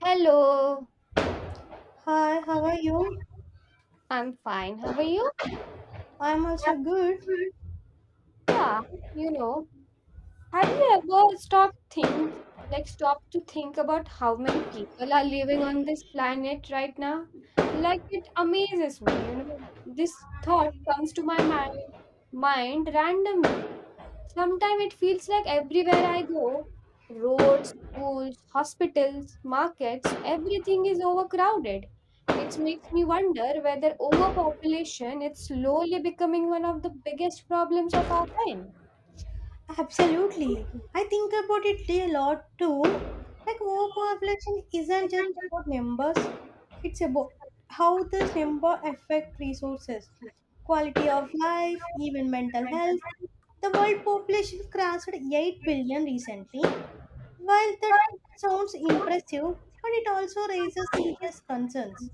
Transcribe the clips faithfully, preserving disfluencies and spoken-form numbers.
Hello, Hi, how are you? I'm fine. How are you? I'm also good. Yeah, you know, have you ever stopped think like stopped to think about how many people are living on this planet right now? Like it amazes me, you know. This thought comes to my mi- mind randomly. Sometimes it feels like everywhere I go, roads, schools, hospitals, markets, everything is overcrowded. It makes me wonder whether overpopulation is slowly becoming one of the biggest problems of our time. Absolutely, I think about it a lot too. Like, overpopulation isn't just about numbers, it's about how this number affect resources, quality of life, even mental health. The world population crossed eight billion recently. While that sounds impressive, but it also raises serious concerns.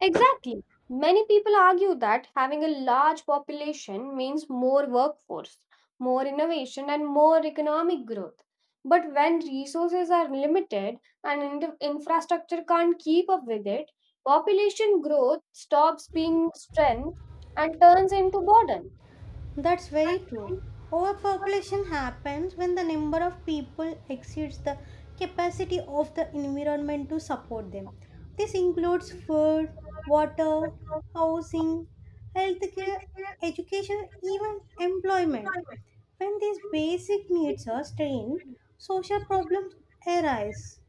Exactly. Many people argue that having a large population means more workforce, more innovation, and more economic growth. But when resources are limited and in- infrastructure can't keep up with it, population growth stops being strength and turns into burden. That's very true. Overpopulation happens when the number of people exceeds the capacity of the environment to support them. This includes food, water, housing, healthcare, education, even employment. When these basic needs are strained, social problems arise.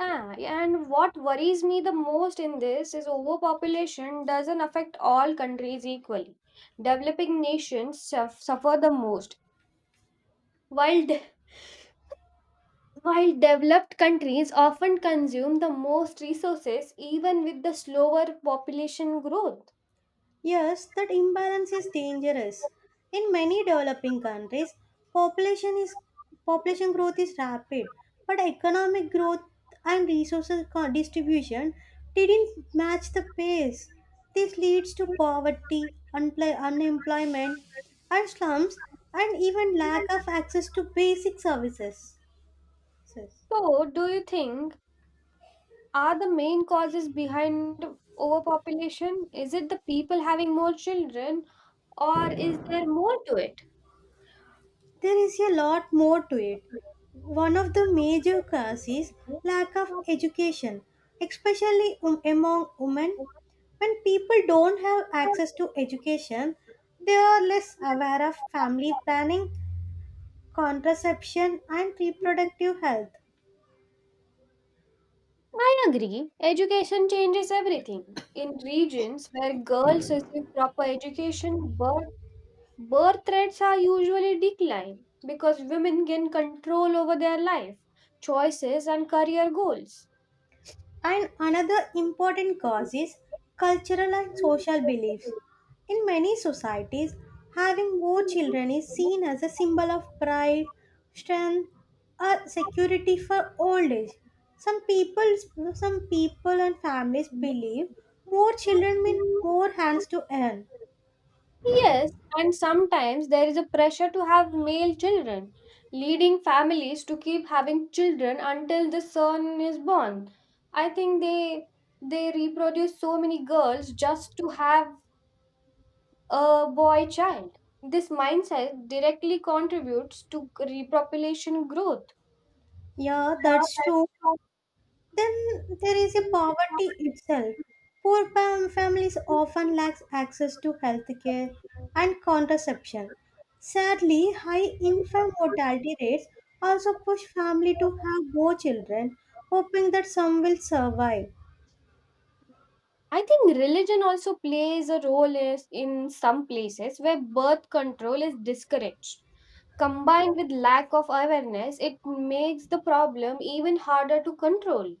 Ah, yeah, and what worries me the most in this is overpopulation doesn't affect all countries equally. Developing nations suff- suffer the most, while de- while developed countries often consume the most resources even with the slower population growth. Yes, that imbalance is dangerous. In many developing countries, population is population growth is rapid, but economic growth and resources co- distribution didn't match the pace. This leads to poverty, unpl- unemployment, and slums, and even lack of access to basic services. So, do you think are the main causes behind overpopulation? Is it the people having more children or is there more to it? There is a lot more to it. One of the major causes is lack of education, especially um- among women. When people don't have access to education, they are less aware of family planning, contraception, and reproductive health. I agree. Education changes everything. In regions where girls receive proper education, birth, birth rates are usually decline because women gain control over their life, choices, and career goals. And another important cause is cultural and social beliefs. In many societies, having more children is seen as a symbol of pride, strength, or security for old age. Some people, some people and families believe more children mean more hands to earn. Yes, and sometimes there is a pressure to have male children, leading families to keep having children until the son is born. I think they they reproduce so many girls just to have a boy child. This mindset directly contributes to repopulation growth. Yeah, that's true. Then there is a poverty itself. Poor fam- families often lack access to healthcare and contraception. Sadly, high infant mortality rates also push family to have more children, hoping that some will survive. I think religion also plays a role is in some places where birth control is discouraged. Combined with lack of awareness, it makes the problem even harder to control.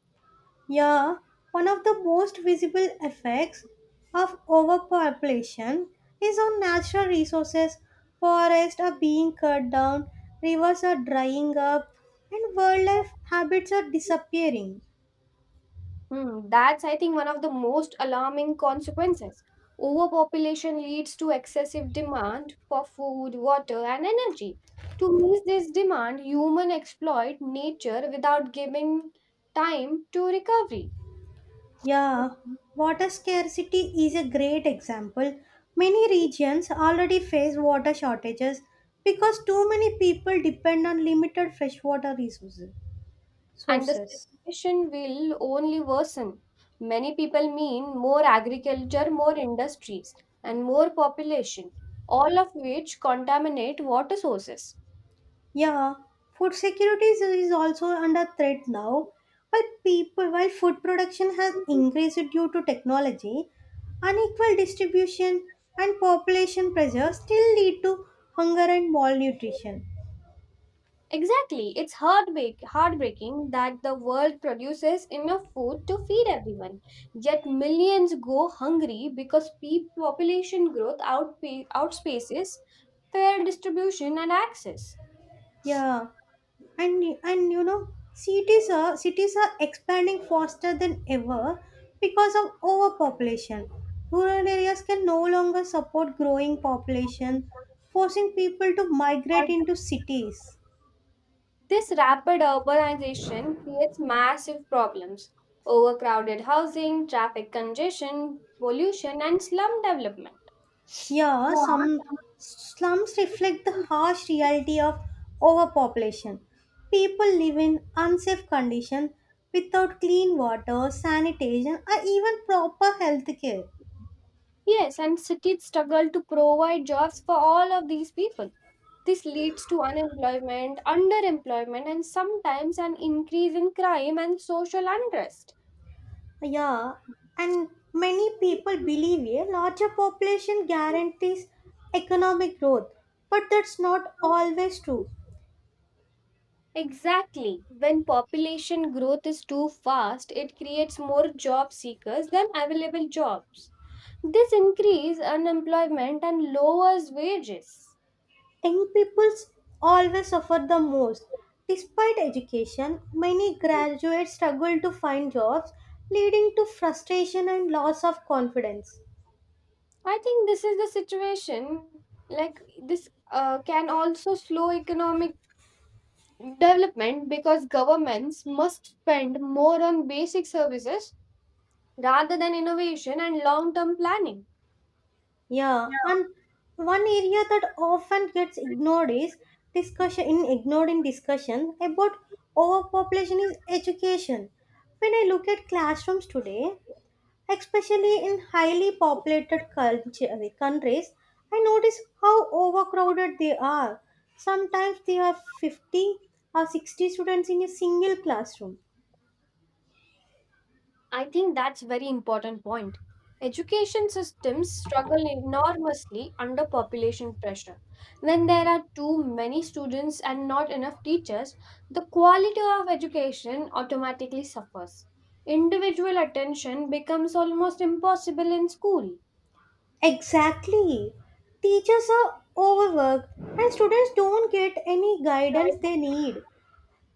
Yeah, one of the most visible effects of overpopulation is on natural resources. Forests are being cut down, rivers are drying up, and wildlife habits are disappearing. Hmm, that's, I think, one of the most alarming consequences. Overpopulation leads to excessive demand for food, water, and energy. To meet this demand, humans exploit nature without giving time to recovery, Yeah, water scarcity is a great example. Many regions already face water shortages because too many people depend on limited freshwater resources. and the Sources. situation will only worsen. Many people mean more agriculture, more industries, and more population, all of which contaminate water sources. Yeah, food security is, is also under threat now. While people, while food production has increased due to technology, unequal distribution and population pressure still lead to hunger and malnutrition. Exactly. It's heartbreak, heartbreaking that the world produces enough food to feed everyone, yet millions go hungry because pe- population growth outpa- outspaces fair distribution and access. Yeah, and and you know, cities are cities are expanding faster than ever because of overpopulation. Rural areas can no longer support growing population, forcing people to migrate into cities. This rapid urbanization creates massive problems overcrowded housing, traffic congestion, pollution, and slum development. Yeah, some slums reflect the harsh reality of overpopulation. People live in unsafe conditions without clean water, sanitation, or even proper health care. Yes, and cities struggle to provide jobs for all of these people. This leads to unemployment, underemployment, and sometimes an increase in crime and social unrest. Yeah, and many people believe a larger population guarantees economic growth, but that's not always true. Exactly. When population growth is too fast, it creates more job seekers than available jobs. This increases unemployment and lowers wages. Young people always suffer the most. Despite education, many graduates struggle to find jobs, leading to frustration and loss of confidence. I think this is the situation like this uh, can also slow economic development because governments must spend more on basic services rather than innovation and long-term planning. Yeah, and one area that often gets ignored is discussion in ignored in discussion about overpopulation is education. When I look at classrooms today, especially in highly populated culture- uh, countries, I notice how overcrowded they are. Sometimes they have fifty or sixty students in a single classroom. I think that's a very important point. Education systems struggle enormously under population pressure. When there are too many students and not enough teachers, the quality of education automatically suffers. Individual attention becomes almost impossible in school. Exactly. Teachers are overworked and students don't get any guidance they need.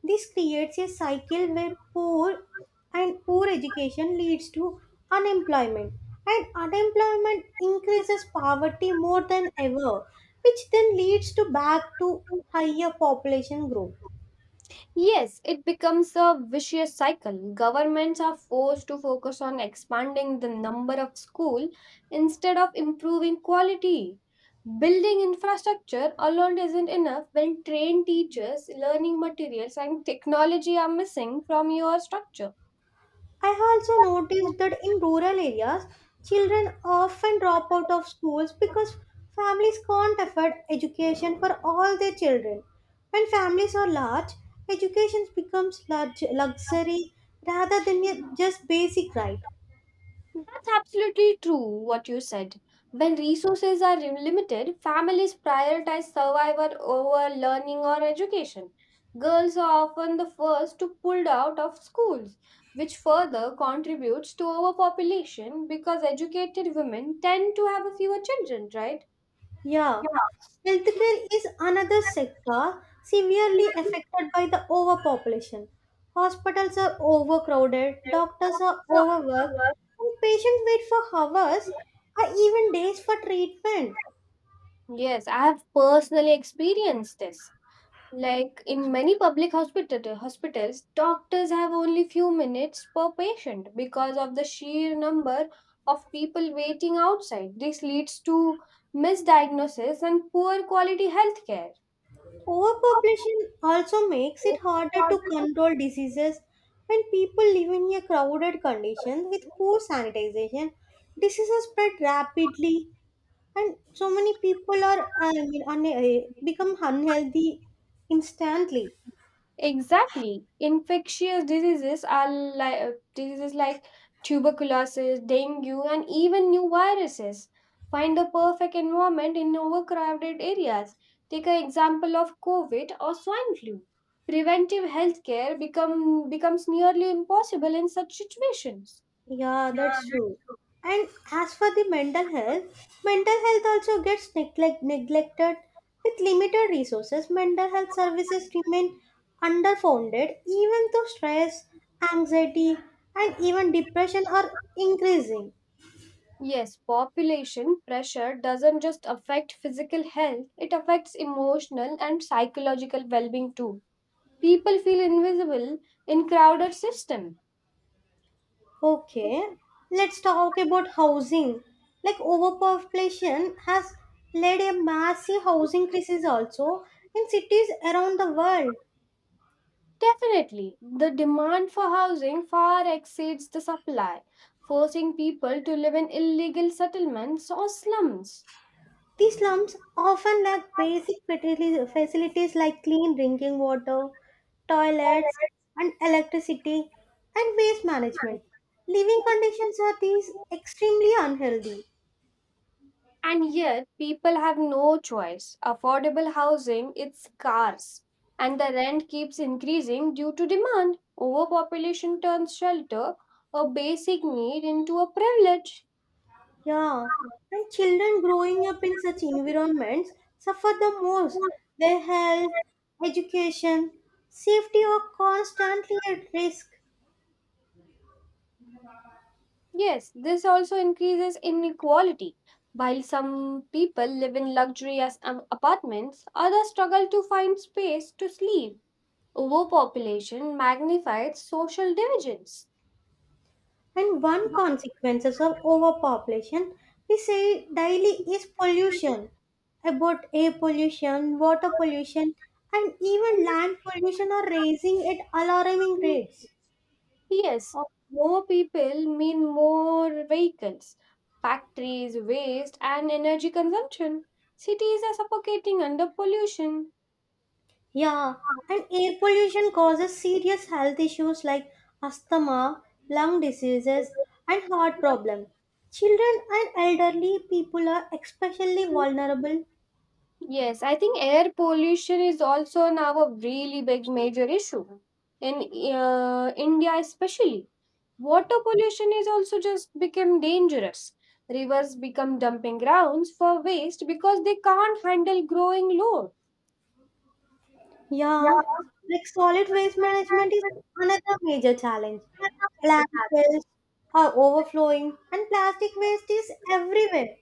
This creates a cycle where poor and poor education leads to unemployment, and unemployment increases poverty more than ever, which then leads to back to higher population growth. Yes, it becomes a vicious cycle. Governments are forced to focus on expanding the number of school instead of improving quality. Building infrastructure alone isn't enough when trained teachers, learning materials, and technology are missing from your structure. I also noticed that in rural areas, children often drop out of schools because families can't afford education for all their children. When families are large, education becomes large luxury rather than a- just basic right. That's absolutely true what you said. When resources are limited, families prioritize survival over learning or education. Girls are often the first to pulled out of schools, which further contributes to overpopulation because educated women tend to have fewer children, right? Yeah, healthcare is another sector severely affected by the overpopulation. Hospitals are overcrowded, doctors are overworked, and patients wait for hours or even days for treatment. Yes, I have personally experienced this. Like in many public hospital, hospitals, doctors have only few minutes per patient because of the sheer number of people waiting outside. This leads to misdiagnosis and poor quality healthcare. Overpopulation also makes it harder to control diseases when people live in a crowded condition with poor sanitization. Diseases spread rapidly and so many people are uh, I mean, un- uh, become unhealthy instantly. Exactly. Infectious diseases are like diseases like tuberculosis, dengue, and even new viruses. Find a perfect environment in overcrowded areas. Take an example of COVID or swine flu. Preventive healthcare become becomes nearly impossible in such situations. Yeah, that's true. And as for the mental health, mental health also gets neglect- neglected. With limited resources, mental health services remain underfunded, even though stress, anxiety, and even depression are increasing. Yes, population pressure doesn't just affect physical health, it affects emotional and psychological well-being too. People feel invisible in crowded system. Okay, let's talk about housing. Like, overpopulation has led a massive housing crisis also in cities around the world. Definitely, the demand for housing far exceeds the supply, forcing people to live in illegal settlements or slums. These slums often lack basic fatili- facilities like clean drinking water, toilets, and electricity, and waste management. Living conditions are these extremely unhealthy. And yet people have no choice, affordable housing is scarce and the rent keeps increasing due to demand. Overpopulation turns shelter, a basic need, into a privilege. Yeah, and children growing up in such environments suffer the most. Their health, education, safety are constantly at risk. Yes, this also increases inequality. While some people live in luxurious um, apartments, others struggle to find space to sleep. Overpopulation magnifies social divisions. And one consequences of overpopulation we say daily is pollution. About air pollution, water pollution, and even land pollution are raising at alarming rates. Yes, more people mean more vehicles, factories, waste, and energy consumption. Cities are suffocating under pollution. Yeah, and air pollution causes serious health issues like asthma, lung diseases, and heart problems. Children and elderly people are especially vulnerable. Yes, I think air pollution is also now a really big major issue in uh, India, especially. Water pollution is also just become dangerous. Rivers become dumping grounds for waste because they can't handle growing load. Yeah, like, solid waste management is another major challenge. Landfills are overflowing, and plastic waste is everywhere.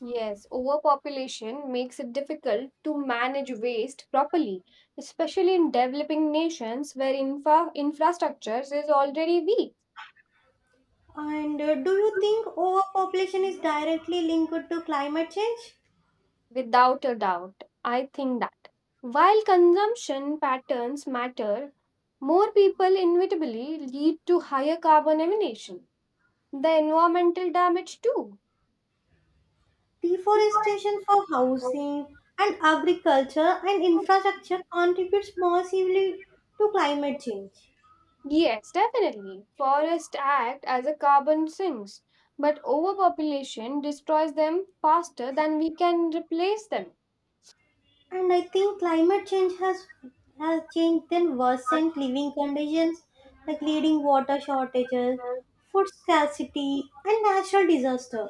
Yes, overpopulation makes it difficult to manage waste properly, especially in developing nations where infra- infrastructures is already weak. And uh, do you think overpopulation is directly linked to climate change? Without a doubt, I think that. While consumption patterns matter, more people inevitably lead to higher carbon emission. The environmental damage too. Deforestation for housing and agriculture and infrastructure contributes massively to climate change. Yes, definitely. Forests act as a carbon sinks, but overpopulation destroys them faster than we can replace them. And I think climate change has has changed and worsened living conditions, like leading water shortages, food scarcity and natural disaster.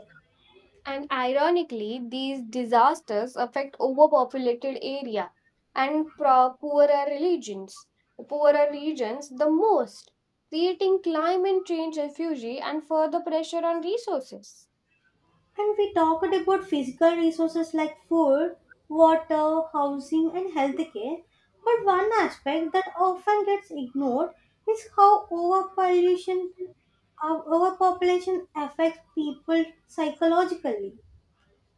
And ironically, these disasters affect overpopulated area and pro- poorer regions, poorer regions the most, creating climate change refugee and further pressure on resources. And we talked about physical resources like food, water, housing and healthcare. But one aspect that often gets ignored is how overpollution Our overpopulation affects people psychologically.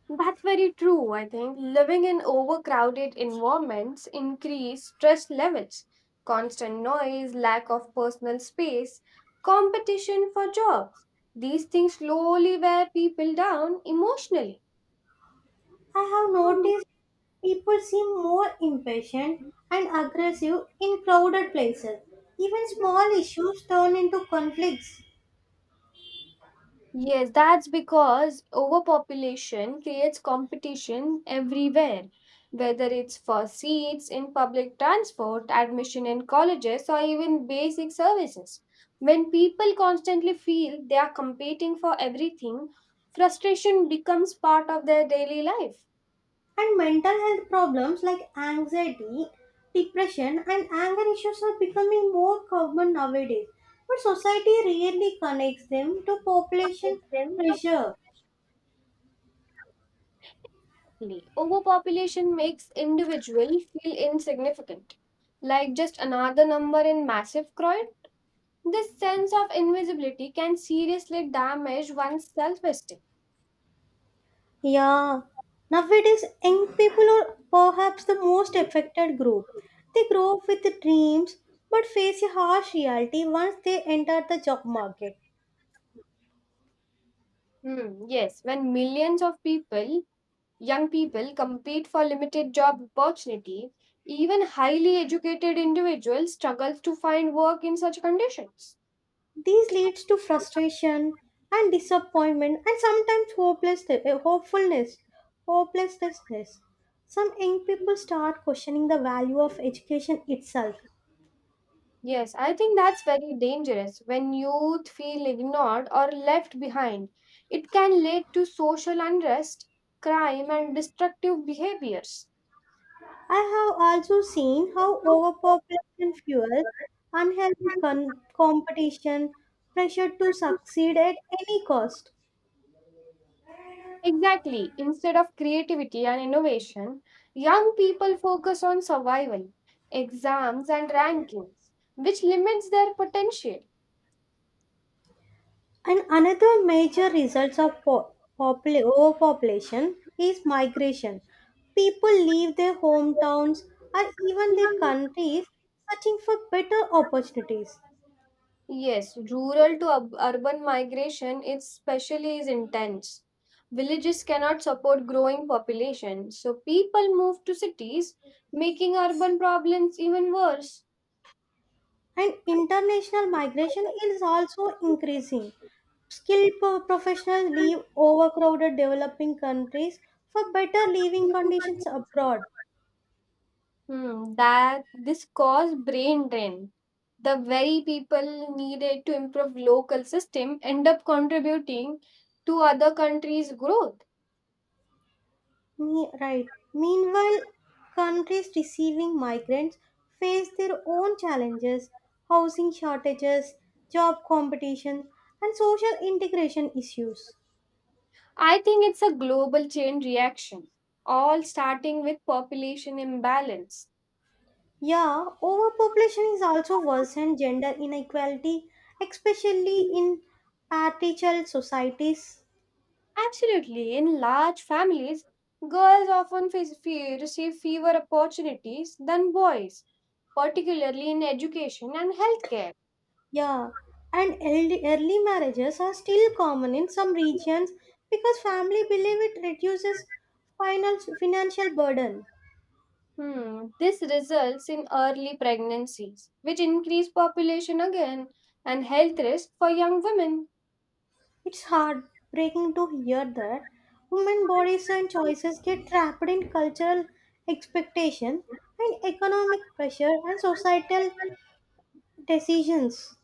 That's very true, I think. Living in overcrowded environments increase stress levels, constant noise, lack of personal space, competition for jobs. These things slowly wear people down emotionally. I have noticed people seem more impatient and aggressive in crowded places. Even small issues turn into conflicts. Yes, that's because overpopulation creates competition everywhere, whether it's for seats in public transport, admission in colleges, or even basic services. When people constantly feel they are competing for everything, frustration becomes part of their daily life. And mental health problems like anxiety, depression, and anger issues are becoming more common nowadays. But society rarely connects them to population pressure. Exactly. Overpopulation makes individuals feel insignificant, like just another number in massive crowd. This sense of invisibility can seriously damage one's self esteem. Yeah, nowadays young people are perhaps the most affected group. They grow up with dreams but face a harsh reality once they enter the job market. Hmm, yes, when millions of people, young people, compete for limited job opportunity, even highly educated individuals struggle to find work in such conditions. This leads to frustration and disappointment and sometimes hopelessness, hopefulness, hopelessness. Some young people start questioning the value of education itself. Yes, I think that's very dangerous. When youth feel ignored or left behind, it can lead to social unrest, crime, and destructive behaviors. I have also seen how overpopulation fuels unhealthy con- competition, pressure to succeed at any cost. Exactly. Instead of creativity and innovation, young people focus on survival, exams, and rankings, which limits their potential. And another major result of po- popula- overpopulation is migration. People leave their hometowns or even their countries searching for better opportunities. Yes, rural to ub- urban migration especially is intense. Villages cannot support growing population, so people move to cities, making urban problems even worse. And international migration is also increasing. Skilled pro- professionals leave overcrowded developing countries for better living conditions abroad. Hmm, that this caused brain drain. The very people needed to improve local system end up contributing to other countries' growth. Me- right. Meanwhile, countries receiving migrants face their own challenges, housing shortages, job competition, and social integration issues. I think it's a global chain reaction, all starting with population imbalance. Yeah, overpopulation is also worsened gender inequality, especially in patriarchal societies. Absolutely, in large families, girls often face, fe- receive fewer opportunities than boys, particularly in education and healthcare. Yeah, and early, early marriages are still common in some regions because family believe it reduces final, financial burden. Hmm. This results in early pregnancies, which increase population again and health risk for young women. It's heartbreaking to hear that women bodies and choices get trapped in cultural expectation and economic pressure and societal decisions.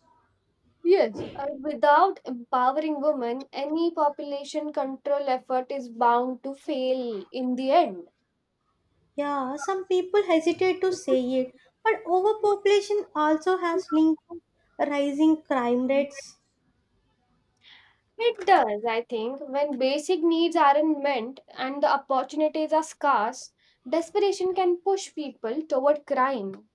Yes, and without empowering women, any population control effort is bound to fail in the end. Yeah, some people hesitate to say it, but overpopulation also has linked to rising crime rates. It does, I think, when basic needs aren't met and the opportunities are scarce, desperation can push people toward crime.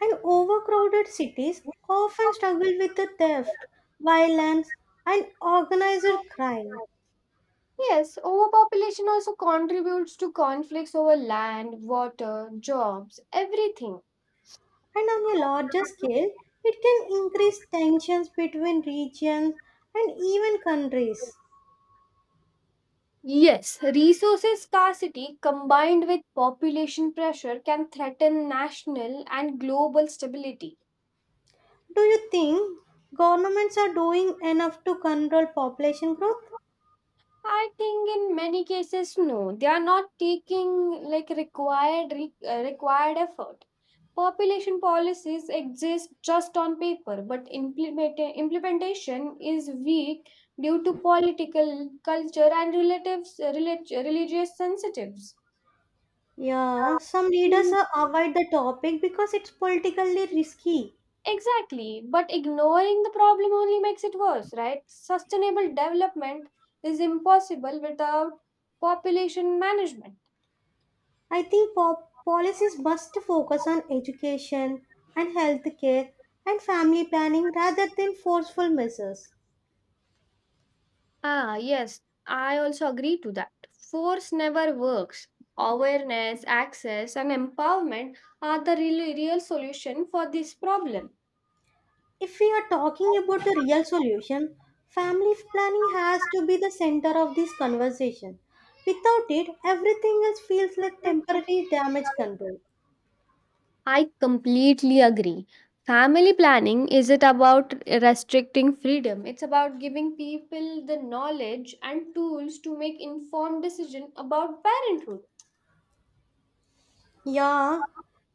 And overcrowded cities often struggle with the theft, violence, and organized crime. Yes, overpopulation also contributes to conflicts over land, water, jobs, everything. And on a larger scale, it can increase tensions between regions and even countries. Yes, resources scarcity combined with population pressure can threaten national and global stability. Do you think governments are doing enough to control population growth? I think in many cases, no, they are not taking like required re- uh, required effort. Population policies exist just on paper, but implement- implementation is weak due to political culture and relatives, relig- religious sensitives. Yeah, some leaders uh, avoid the topic because it's politically risky. Exactly, but ignoring the problem only makes it worse, right? Sustainable development is impossible without population management. I think po- policies must focus on education and healthcare and family planning rather than forceful measures. Ah, yes, I also agree to that. Force never works. Awareness, access, and empowerment are the real, real solution for this problem. If we are talking about the real solution, family planning has to be the center of this conversation. Without it, everything else feels like temporary damage control. I completely agree. Family planning isn't about restricting freedom. It's about giving people the knowledge and tools to make informed decision about parenthood. Yeah,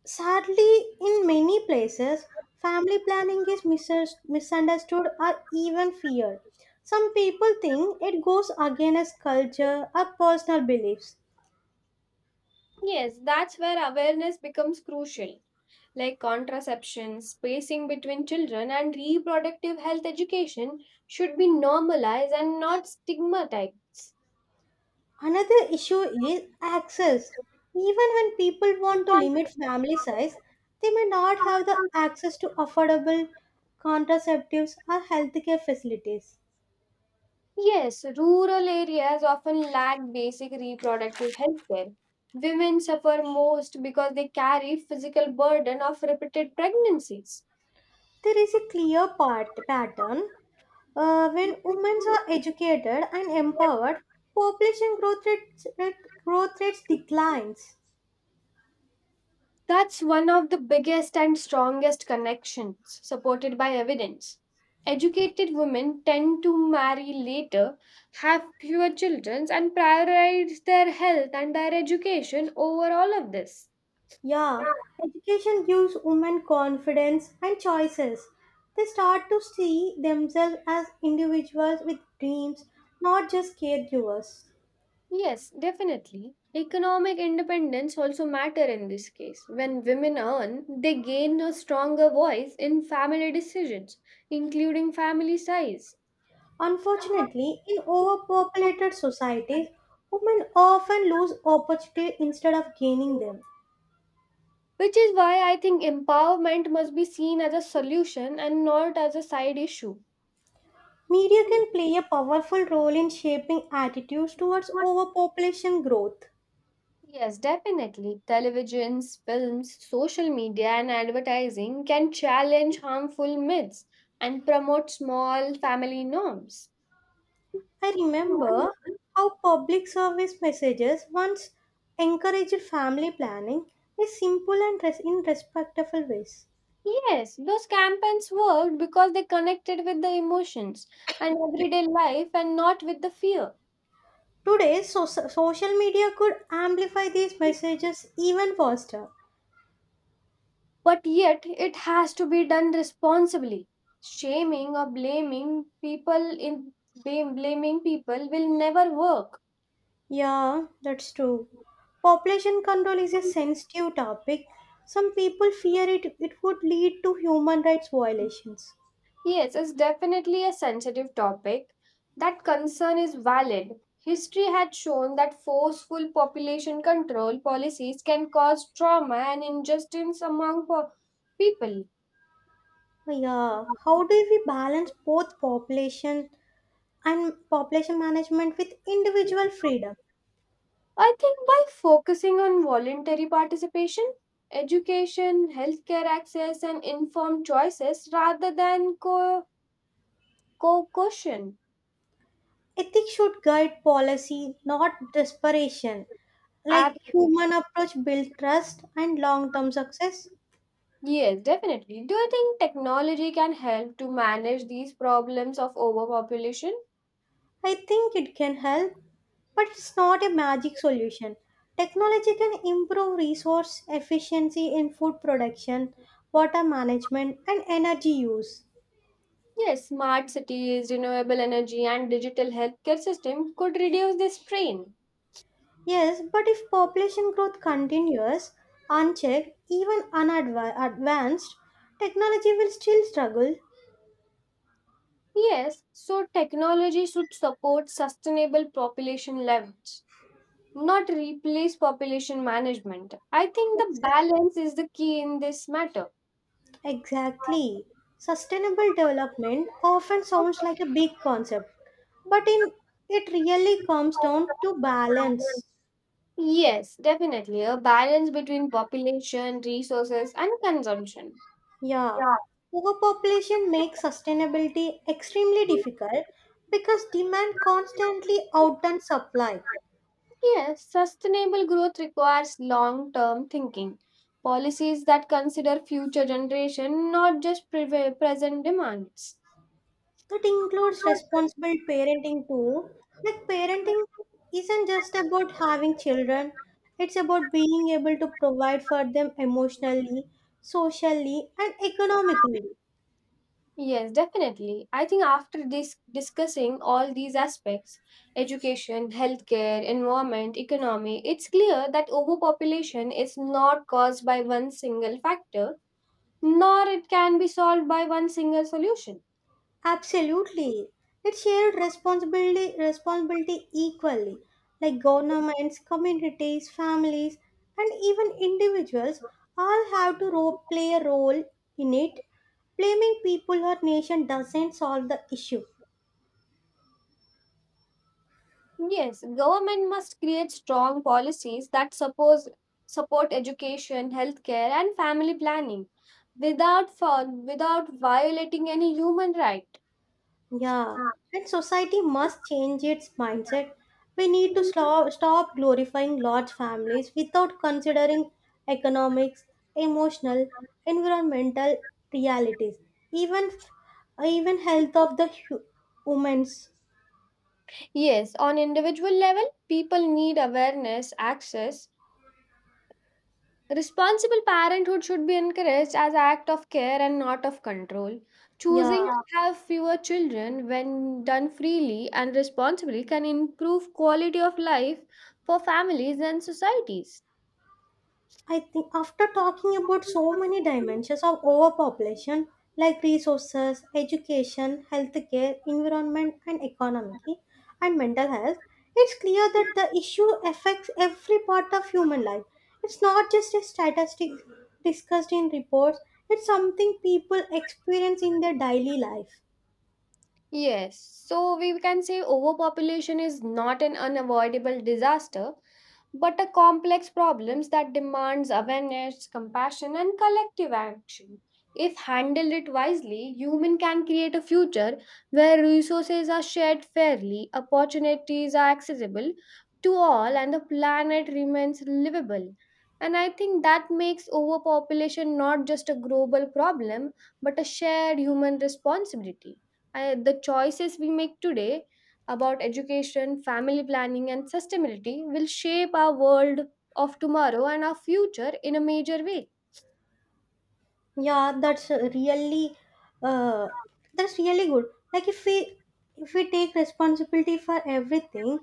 sadly, in many places, family planning is mis- misunderstood or even feared. Some people think it goes against culture or personal beliefs. Yes, that's where awareness becomes crucial. Like contraception, spacing between children, and reproductive health education should be normalized and not stigmatized. Another issue is access. Even when people want to limit family size, they may not have the access to affordable contraceptives or healthcare facilities. Yes, rural areas often lack basic reproductive health care. Women suffer most because they carry physical burden of repeated pregnancies. There is a clear part, pattern. Uh, when women are educated and empowered, population growth rates, rate, growth rates declines. That's one of the biggest and strongest connections supported by evidence. Educated women tend to marry later, have fewer children, and prioritize their health and their education over all of this. Yeah, education gives women confidence and choices. They start to see themselves as individuals with dreams, not just caregivers. Yes, definitely. Economic independence also matter in this case. When women earn, they gain a stronger voice in family decisions, including family size. Unfortunately, in overpopulated societies, women often lose opportunities instead of gaining them. Which is why I think empowerment must be seen as a solution and not as a side issue. Media can play a powerful role in shaping attitudes towards overpopulation growth. Yes, definitely. Televisions, films, social media, and advertising can challenge harmful myths and promote small family norms. I remember how public service messages once encouraged family planning in simple and res- in respectful ways. Yes, those campaigns worked because they connected with the emotions and everyday life and not with the fear. Today, so- social media could amplify these messages even faster. But yet, it has to be done responsibly. Shaming or blaming people in blame, blaming people will never work. Yeah, that's true. Population control is a sensitive topic. Some people fear it, it would lead to human rights violations. Yes, it's definitely a sensitive topic. That concern is valid. History had shown that forceful population control policies can cause trauma and injustice among po- people. Yeah, how do we balance both population and population management with individual freedom? I think by focusing on voluntary participation, education, healthcare access, and informed choices rather than co- coercion. Ethics should guide policy, not desperation. Like, Absolutely. human approach build trust and long-term success. Yes, definitely. Do you think technology can help to manage these problems of overpopulation? I think it can help, but it's not a magic solution. Technology can improve resource efficiency in food production, water management, and energy use. Yes, smart cities, renewable energy, and digital healthcare system could reduce this strain. Yes, but if population growth continues unchecked, even unadvanced, technology will still struggle. Yes, so technology should support sustainable population levels not replace population management. I think the balance is the key in this matter. Exactly. Sustainable development often sounds like a big concept, but in it really comes down to balance. Yes, definitely. A balance between population, resources, and consumption. Yeah, overpopulation makes sustainability extremely difficult because demand constantly outruns supply. Yes, sustainable growth requires long term thinking. Policies that consider future generation, not just pre- present demands. That includes responsible parenting too. Like, parenting isn't just about having children, it's about being able to provide for them emotionally, socially, and economically. Yes, definitely. I think after this discussing all these aspects, education, healthcare, environment, economy, it's clear that overpopulation is not caused by one single factor, nor it can be solved by one single solution. Absolutely. It's shared responsibility responsibility equally. Like, governments, communities, families, and even individuals all have to ro- play a role in it. Blaming people or nation doesn't solve the issue. Yes, government must create strong policies that suppose support education, healthcare, and family planning without for, without violating any human right. Yeah, and society must change its mindset. We need to slow, stop glorifying large families without considering economics, emotional, environmental realities, even even health of the hu- humans. Yes, on individual level, people need awareness, access. Responsible parenthood should be encouraged as an act of care and not of control. Yeah. Choosing to have fewer children when done freely and responsibly can improve quality of life for families and societies. I think after talking about so many dimensions of overpopulation like resources, education, healthcare, environment and economy and mental health, it's clear that the issue affects every part of human life. It's not just a statistic discussed in reports, it's something people experience in their daily life. Yes, so we can say overpopulation is not an unavoidable disaster, but a complex problem that demands awareness, compassion, and collective action. If handled it wisely, human can create a future where resources are shared fairly, opportunities are accessible to all, and the planet remains livable. And I think that makes overpopulation not just a global problem, but a shared human responsibility. I the choices we make today about education, family planning, and sustainability will shape our world of tomorrow and our future in a major way. Yeah, that's uh, really uh, that's really good. Like, if we if we take responsibility for everything,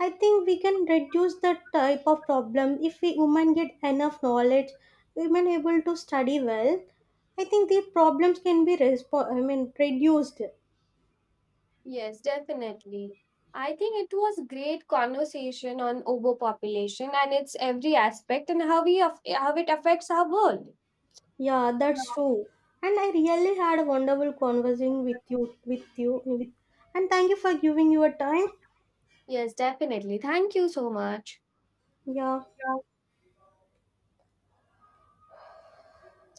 I think we can reduce the type of problem. If we women get enough knowledge, women able to study well, I think the problems can be respo- I mean reduced. Yes, definitely. I think it was great conversation on overpopulation and its every aspect and how we aff- how it affects our world. Yeah, that's true. And I really had a wonderful conversing with you with you with, and thank you for giving your time. Yes, definitely. Thank you so much. Yeah.